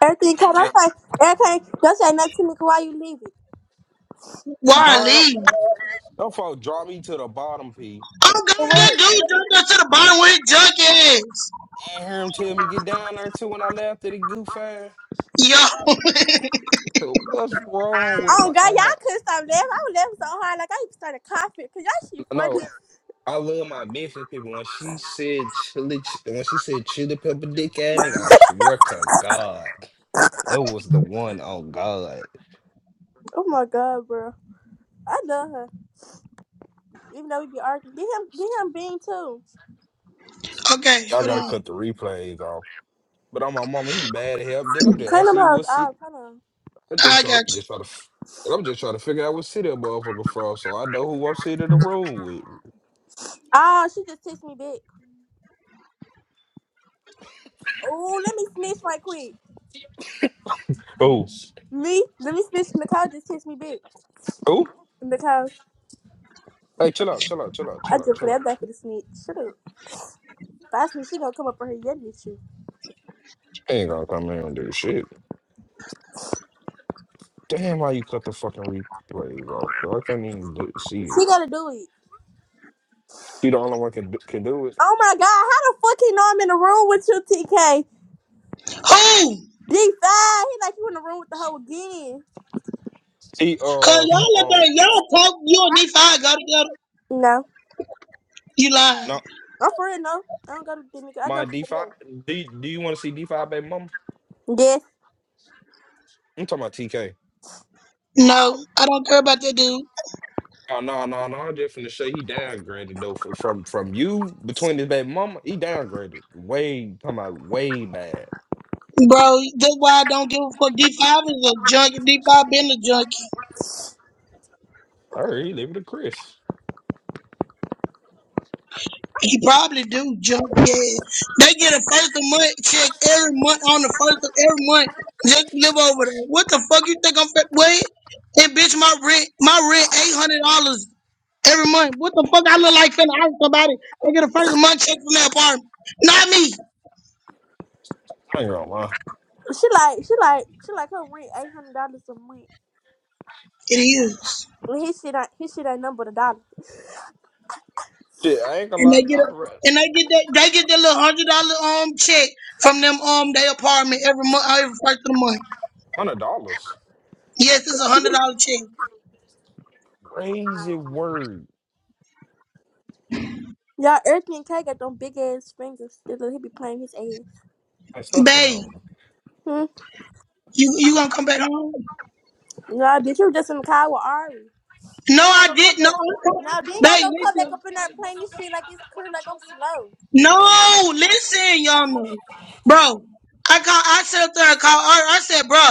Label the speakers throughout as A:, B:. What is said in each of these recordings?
A: Everything cut
B: PK.
A: off. Like, everything. Don't say nothing to me 'cause why you leaving? You talk
C: Why
A: about
B: God, don't,
C: leave?
B: don't folk drop me to the bottom, P.
C: Oh
A: the
C: god, that
A: way.
C: dude jumped up to the bottom with his junk ass.
B: And hear him tell me get down there too when I left at the goof ass.
C: Yo,
B: What's wrong with him?
A: Oh,
B: Like,
A: God,
B: oh my,
A: y'all couldn't stop laughing. I was laughing so hard. Like, I even started coughing because y'all shit
B: no,
A: funny.
B: I love my Memphis people. When she said chili, when she said chili pepper dick ass nigga, I swear to God, it was the one on God.
A: Oh, my God, bro. I love her. Even though we be arguing. Get him, get him bean, too.
C: okay,
B: Y'all
C: hold
B: gotta
C: on.
B: cut the replays off. But on my mama, he bad as hell, dick. I'm just
A: Clean them
B: asking you
A: hoes
B: what city.
A: off. Hold on.
B: I just
C: I
B: try,
C: got
B: just
C: you.
B: try to, f- I'm just trying to figure out what city a motherfucker from, so I know who I'm sitting in the room with.
A: Oh, she just texted me back. Oh, let me snitch right quick.
B: Cool.
A: Me? Let me snitch. Nicole just texted me back.
B: Cool.
A: Nicole,
B: Hey, chill out, chill out, chill out,
A: I
B: chill out,
A: just
B: chill
A: played
B: out.
A: back for the snitch. Shut up. If I snitch, she gonna come up for her yelling at you.
B: I Ain't gonna come here and do shit. Damn, how you cut the fucking replays off? bro. I can't even do, see
A: She
B: it.
A: gotta do it.
B: You the only one can do, can do it.
A: Oh my God, how the fuck he know I'm in the room with you, TK?
C: Who?
A: D5, he like you in the room with the hoe again?
B: See,
C: Cause
B: uh, cause
C: y'all let
B: uh,
C: that y'all talk you and D5 go together.
A: No,
C: You lying.
B: no,
A: I'm for real, no. I don't go to Demi, I go
B: my
A: to
B: D
A: somebody
B: five. Do Do you want to see D five, baby mama?
A: Yes.
B: I'm talking about TK.
C: No, I don't care about that dude.
B: Oh no, no, no! I'm just finna say he downgraded though from from, from you between his baby mama. He downgraded way, talking about way bad.
C: Bro, that's why I don't give a fuck. D5 is a junk. D5 been a junk.
B: All right, he leave it to Chris.
C: He probably do jump. Yeah, they get a first of month check every month on the first of every month just to live over there. What the fuck you think I'm fit? Wait, and bitch, my rent, my rent eight hundred dollars every month. What the fuck I look like finna ask somebody? They get a first of month check from that apartment, not me.
B: I ain't gonna lie.
A: She like, she like, she like her rent $800 a month.
C: It is,
A: And his shit ain't, his shit ain't nothing but a dollar.
B: Shit, I ain't gonna
C: and
B: lie.
C: they get
B: I
C: a,
B: rest
C: and they get that they get that little hundred dollar um check from them um their apartment every month every first of the month.
B: hundred dollars.
C: Yes, it's a hundred dollar check,
B: Crazy word.
A: Y'all, Earthy and K got them big ass fingers. They look- He be playing his ass.
B: I stop playing
C: babe.
B: Wow. with me.
A: Hmm?
C: You you gonna come back home?
A: Nah, bitch, you just in the car with Ari.
C: No,
A: Then y'all
C: I
A: gonna come
C: didn't. No,
A: back. No, then y'all
C: babe,
A: gonna come back
C: listen.
A: up in there playing this shit like it's cool, like I'm slow.
C: No, listen, Yonder. Bro, I call. I said up there. I called her. I said, bro.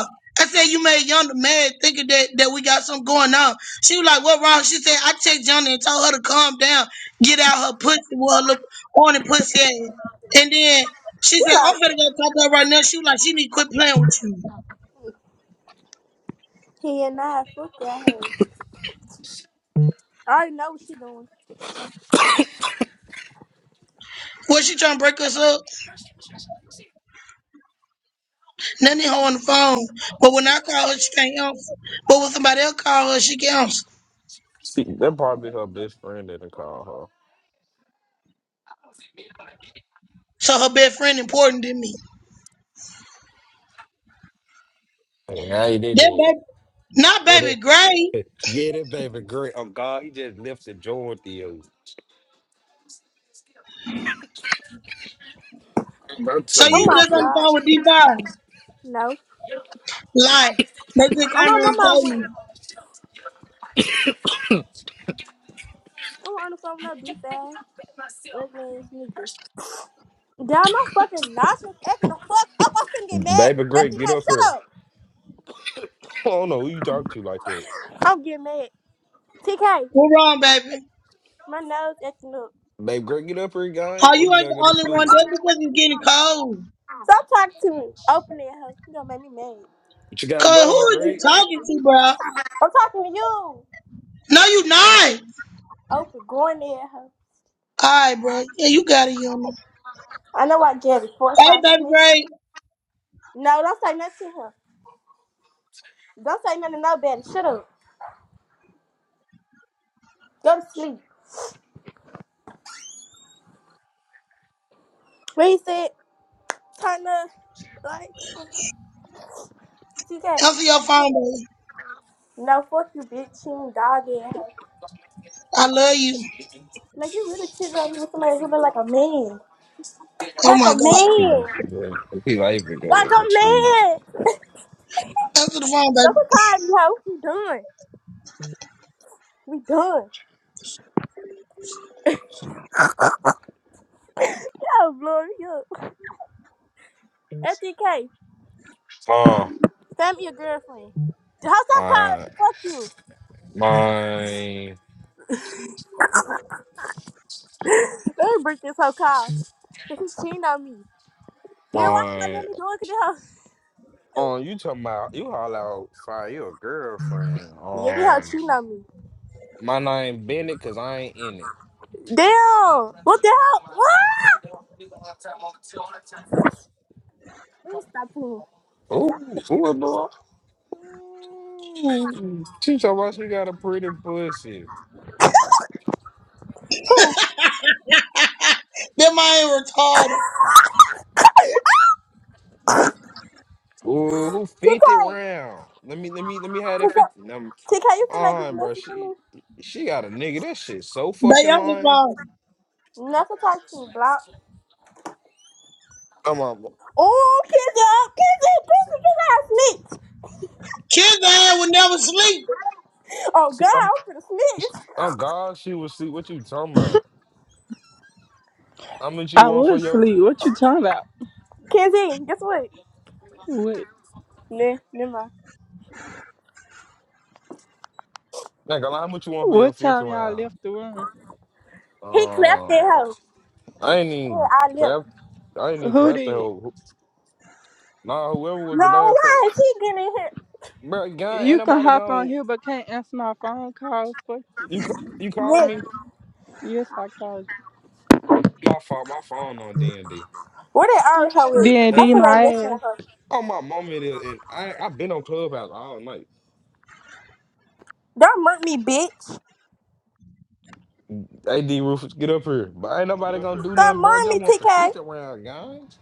C: I said you made Yonder mad, thinking that that we got something going on. She was like, what wrong? She said I text Yonder and told her to calm down, get out her pussy, well, look on the pussy, ass. and then. She
A: She
C: said, I'm
A: like,
C: finna go talk to her right now. She was like, she need to quit playing with you.
A: he and I, fuck y'all hoes. I already know what she doing.
C: Was she trying to break us up? Nanny hoe on the phone. But when I call her, she can't answer. But when somebody else call her, she can answer.
B: See, that probably her best friend that didn't call
C: So her best friend important than me.
B: her. And Now you did
C: That
B: that.
C: baby, not
B: Get it?
C: baby Gray.
B: Get it, baby. Great. Oh, God, he just lifted Jordan to you. I'm telling you,
C: So
A: Oh
C: you
B: get up
A: my
C: just on
B: here.
C: the
A: god.
C: phone with D5.
A: No.
C: Like, they just
A: Oh
C: came here
A: my
C: and
A: mama I
C: told me,
A: went. I'm on the phone no beef ass. Ugly ass nigga. Damn, my fucking nostrils acting the fuck up. I'm finna get mad.
B: Baby
A: At
B: Great,
A: TK,
B: get up
A: shut
B: here.
A: up.
B: I don't know who you talk to like that.
A: I'm getting mad. TK,
C: we're wrong, baby.
A: my nose acting up.
B: Baby, great, get up here, guy,
C: Oh,
B: or
C: you
B: you
C: ain't
B: gotta
C: the
B: go to
C: only one.
B: school.
C: That's because it's getting cold.
A: Stop talking to me. Open it, huh? You gonna make me mad.
B: But you got to
C: Cause who
B: go on,
C: are you
B: great.
C: talking to, bro?
A: I'm talking to you.
C: No, you not.
A: Open, going there, huh?
C: All right, bro. Yeah, you got it, you Yuma.
A: I know I get it. Four,
C: Hey,
A: five,
C: baby
A: smack.
C: Gray.
A: No, don't say nothing to her. Don't say nothing to nobody. Shut up. Go to sleep. When he said, turn the lights. on. TK.
C: Answer your phone, baby.
A: No, fuck you, bitch. She ain't doggy at
C: I love you.
A: Like, you really cheating on me with somebody who look like a man.
C: Oh,
A: Like
C: my
A: a
C: God.
B: Hmm,
A: man.
B: Yeah. He like to go
A: Like
B: with
A: a
B: my
A: man.
C: Answer the phone,
A: Don't be
C: baby.
A: tired me, hoe. What you doing? We done. Yo, blowing me up. FDK,
B: Oh,
A: find me a girlfriend. The hoe stop calling
B: uh,
A: me. Fuck you. Let me break this whole call. Cause he cheating on me.
B: my,
A: Damn, why you not let
B: my.
A: me do it? Cause they hoe.
B: Um, you talking about you all outside your girlfriend.
A: Yeah, they hoe
B: Um,
A: cheating on me.
B: my name Bennett because I ain't in it.
A: Damn. What the hell? What? Let me stop playing.
B: Ooh,
A: Y'all-
B: ooh, bro. Ooh, She talking about she got a pretty pussy.
A: Who?
C: That my ain't retarded.
B: Ooh, fifty
A: TK.
B: round. Let me let me let me have that fifty. Um,
A: TK, you feel like being
B: on, bro.
A: messy for
B: She
A: me?
B: she got a nigga. That shit so
C: Baby,
B: fucking
C: answer the
B: lying.
C: phone.
A: Not to talk to me, block.
B: I'm on.
A: Oh, Kenzie, Kenzie, Kenzie, you got
C: Kids, I would never sleep.
A: snitch. Oh,
B: See,
A: God,
B: I'm
A: I'm finna snitch.
B: I'm God. She will see what you talking about. How much you
D: I
B: want for
D: was
B: your?
D: asleep. What you talking about?
A: Kenzie, guess what?
D: What
A: Nah, never mind.
B: Like, how much you want for your
D: what
B: fifth
D: time y'all
B: round?
D: left the room?
A: He clapped that
B: Uh,
A: hoe.
B: I ain't
A: Yeah,
B: even
A: I left.
B: clap. I ain't even
D: Who
B: clap the
D: did
B: whole. Nah, whoever was
A: No,
B: the last person,
A: why is he getting in here?
B: bro. God, ain't
D: you can
B: nobody
D: hop on
B: gone.
D: here but can't answer my phone call? Fuck you.
B: You ca- you call
A: Yes.
B: me.
D: Yes, I called
B: My phone, my phone on D and D.
A: Where that our hoe
D: you.
A: is?
D: D and
B: Hey,
A: That's
D: D
A: when I feel like
D: my
A: messing
D: ass.
A: with her.
B: oh my mom it is, and I I've been on Clubhouse all night.
A: Don't murk me, bitch.
B: Hey, D Rufus, get up here. But ain't
E: Get
B: nobody
E: up
B: gonna
E: here.
B: do
A: Don't
B: nothing, bro. I
A: murk
B: just
A: me,
B: want the
A: TK.
B: feet around, guys.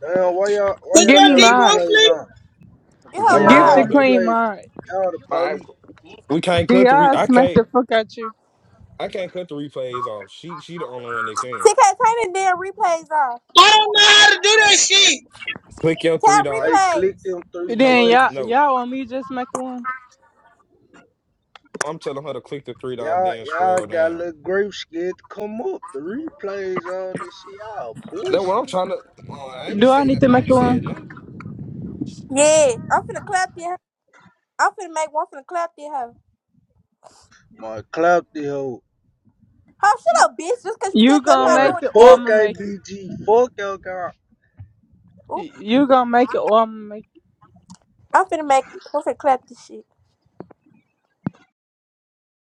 E: Damn, why y'all why
C: What's
D: Give
E: y'all
C: up,
D: me
E: got
C: D.
D: mine.
E: replays
C: Ropley?
E: on?
A: Get
B: What
E: Why
A: her
B: going
E: y'all
D: Give
E: got
D: the
A: mod.
B: on though?
D: queen
E: replays?
D: mine.
E: Y'all the
B: I,
E: police.
B: we can't
D: D
B: cut the. Re-
D: I
B: I
D: smack
B: can't.
D: the fuck out you.
B: I can't cut the replays off. She she the only one that can.
A: TK, turn the damn replays off.
C: I don't know how to do that shit.
B: Click your three
A: Tap
E: Hey,
B: dots.
E: click
A: replays.
E: them three
B: No,
D: Then
B: click
D: y'all
E: buttons.
B: no.
D: y'all want me to just make one?
B: I'm telling her to click the three dots,
E: Y'all
B: then
E: y'all
B: scroll
E: got a
B: down.
E: little grape scared to come up. The replays on this shit. Y'all
B: Then what I'm
E: bullshit.
B: trying to. Oh, I ain't
D: Do I
B: say
D: need
B: that.
D: to
B: I
D: make
B: ain't said
D: one?
B: nothing.
A: Yeah, I'm finna clap that. hoe. I'm finna make one finna clap that hoe.
E: My clap the hoe.
A: Oh, shut up, bitch. Just because you said
D: You
A: that I'm
D: gonna
A: not
E: My
D: make
A: doing
D: it
A: it, bitch.
D: or
E: fuck
D: I'ma make it.
E: ABG. Fuck y'all guy.
A: Oop,
D: You gonna make it or I'ma make it.
A: I'm finna make I'm finna clap this shit.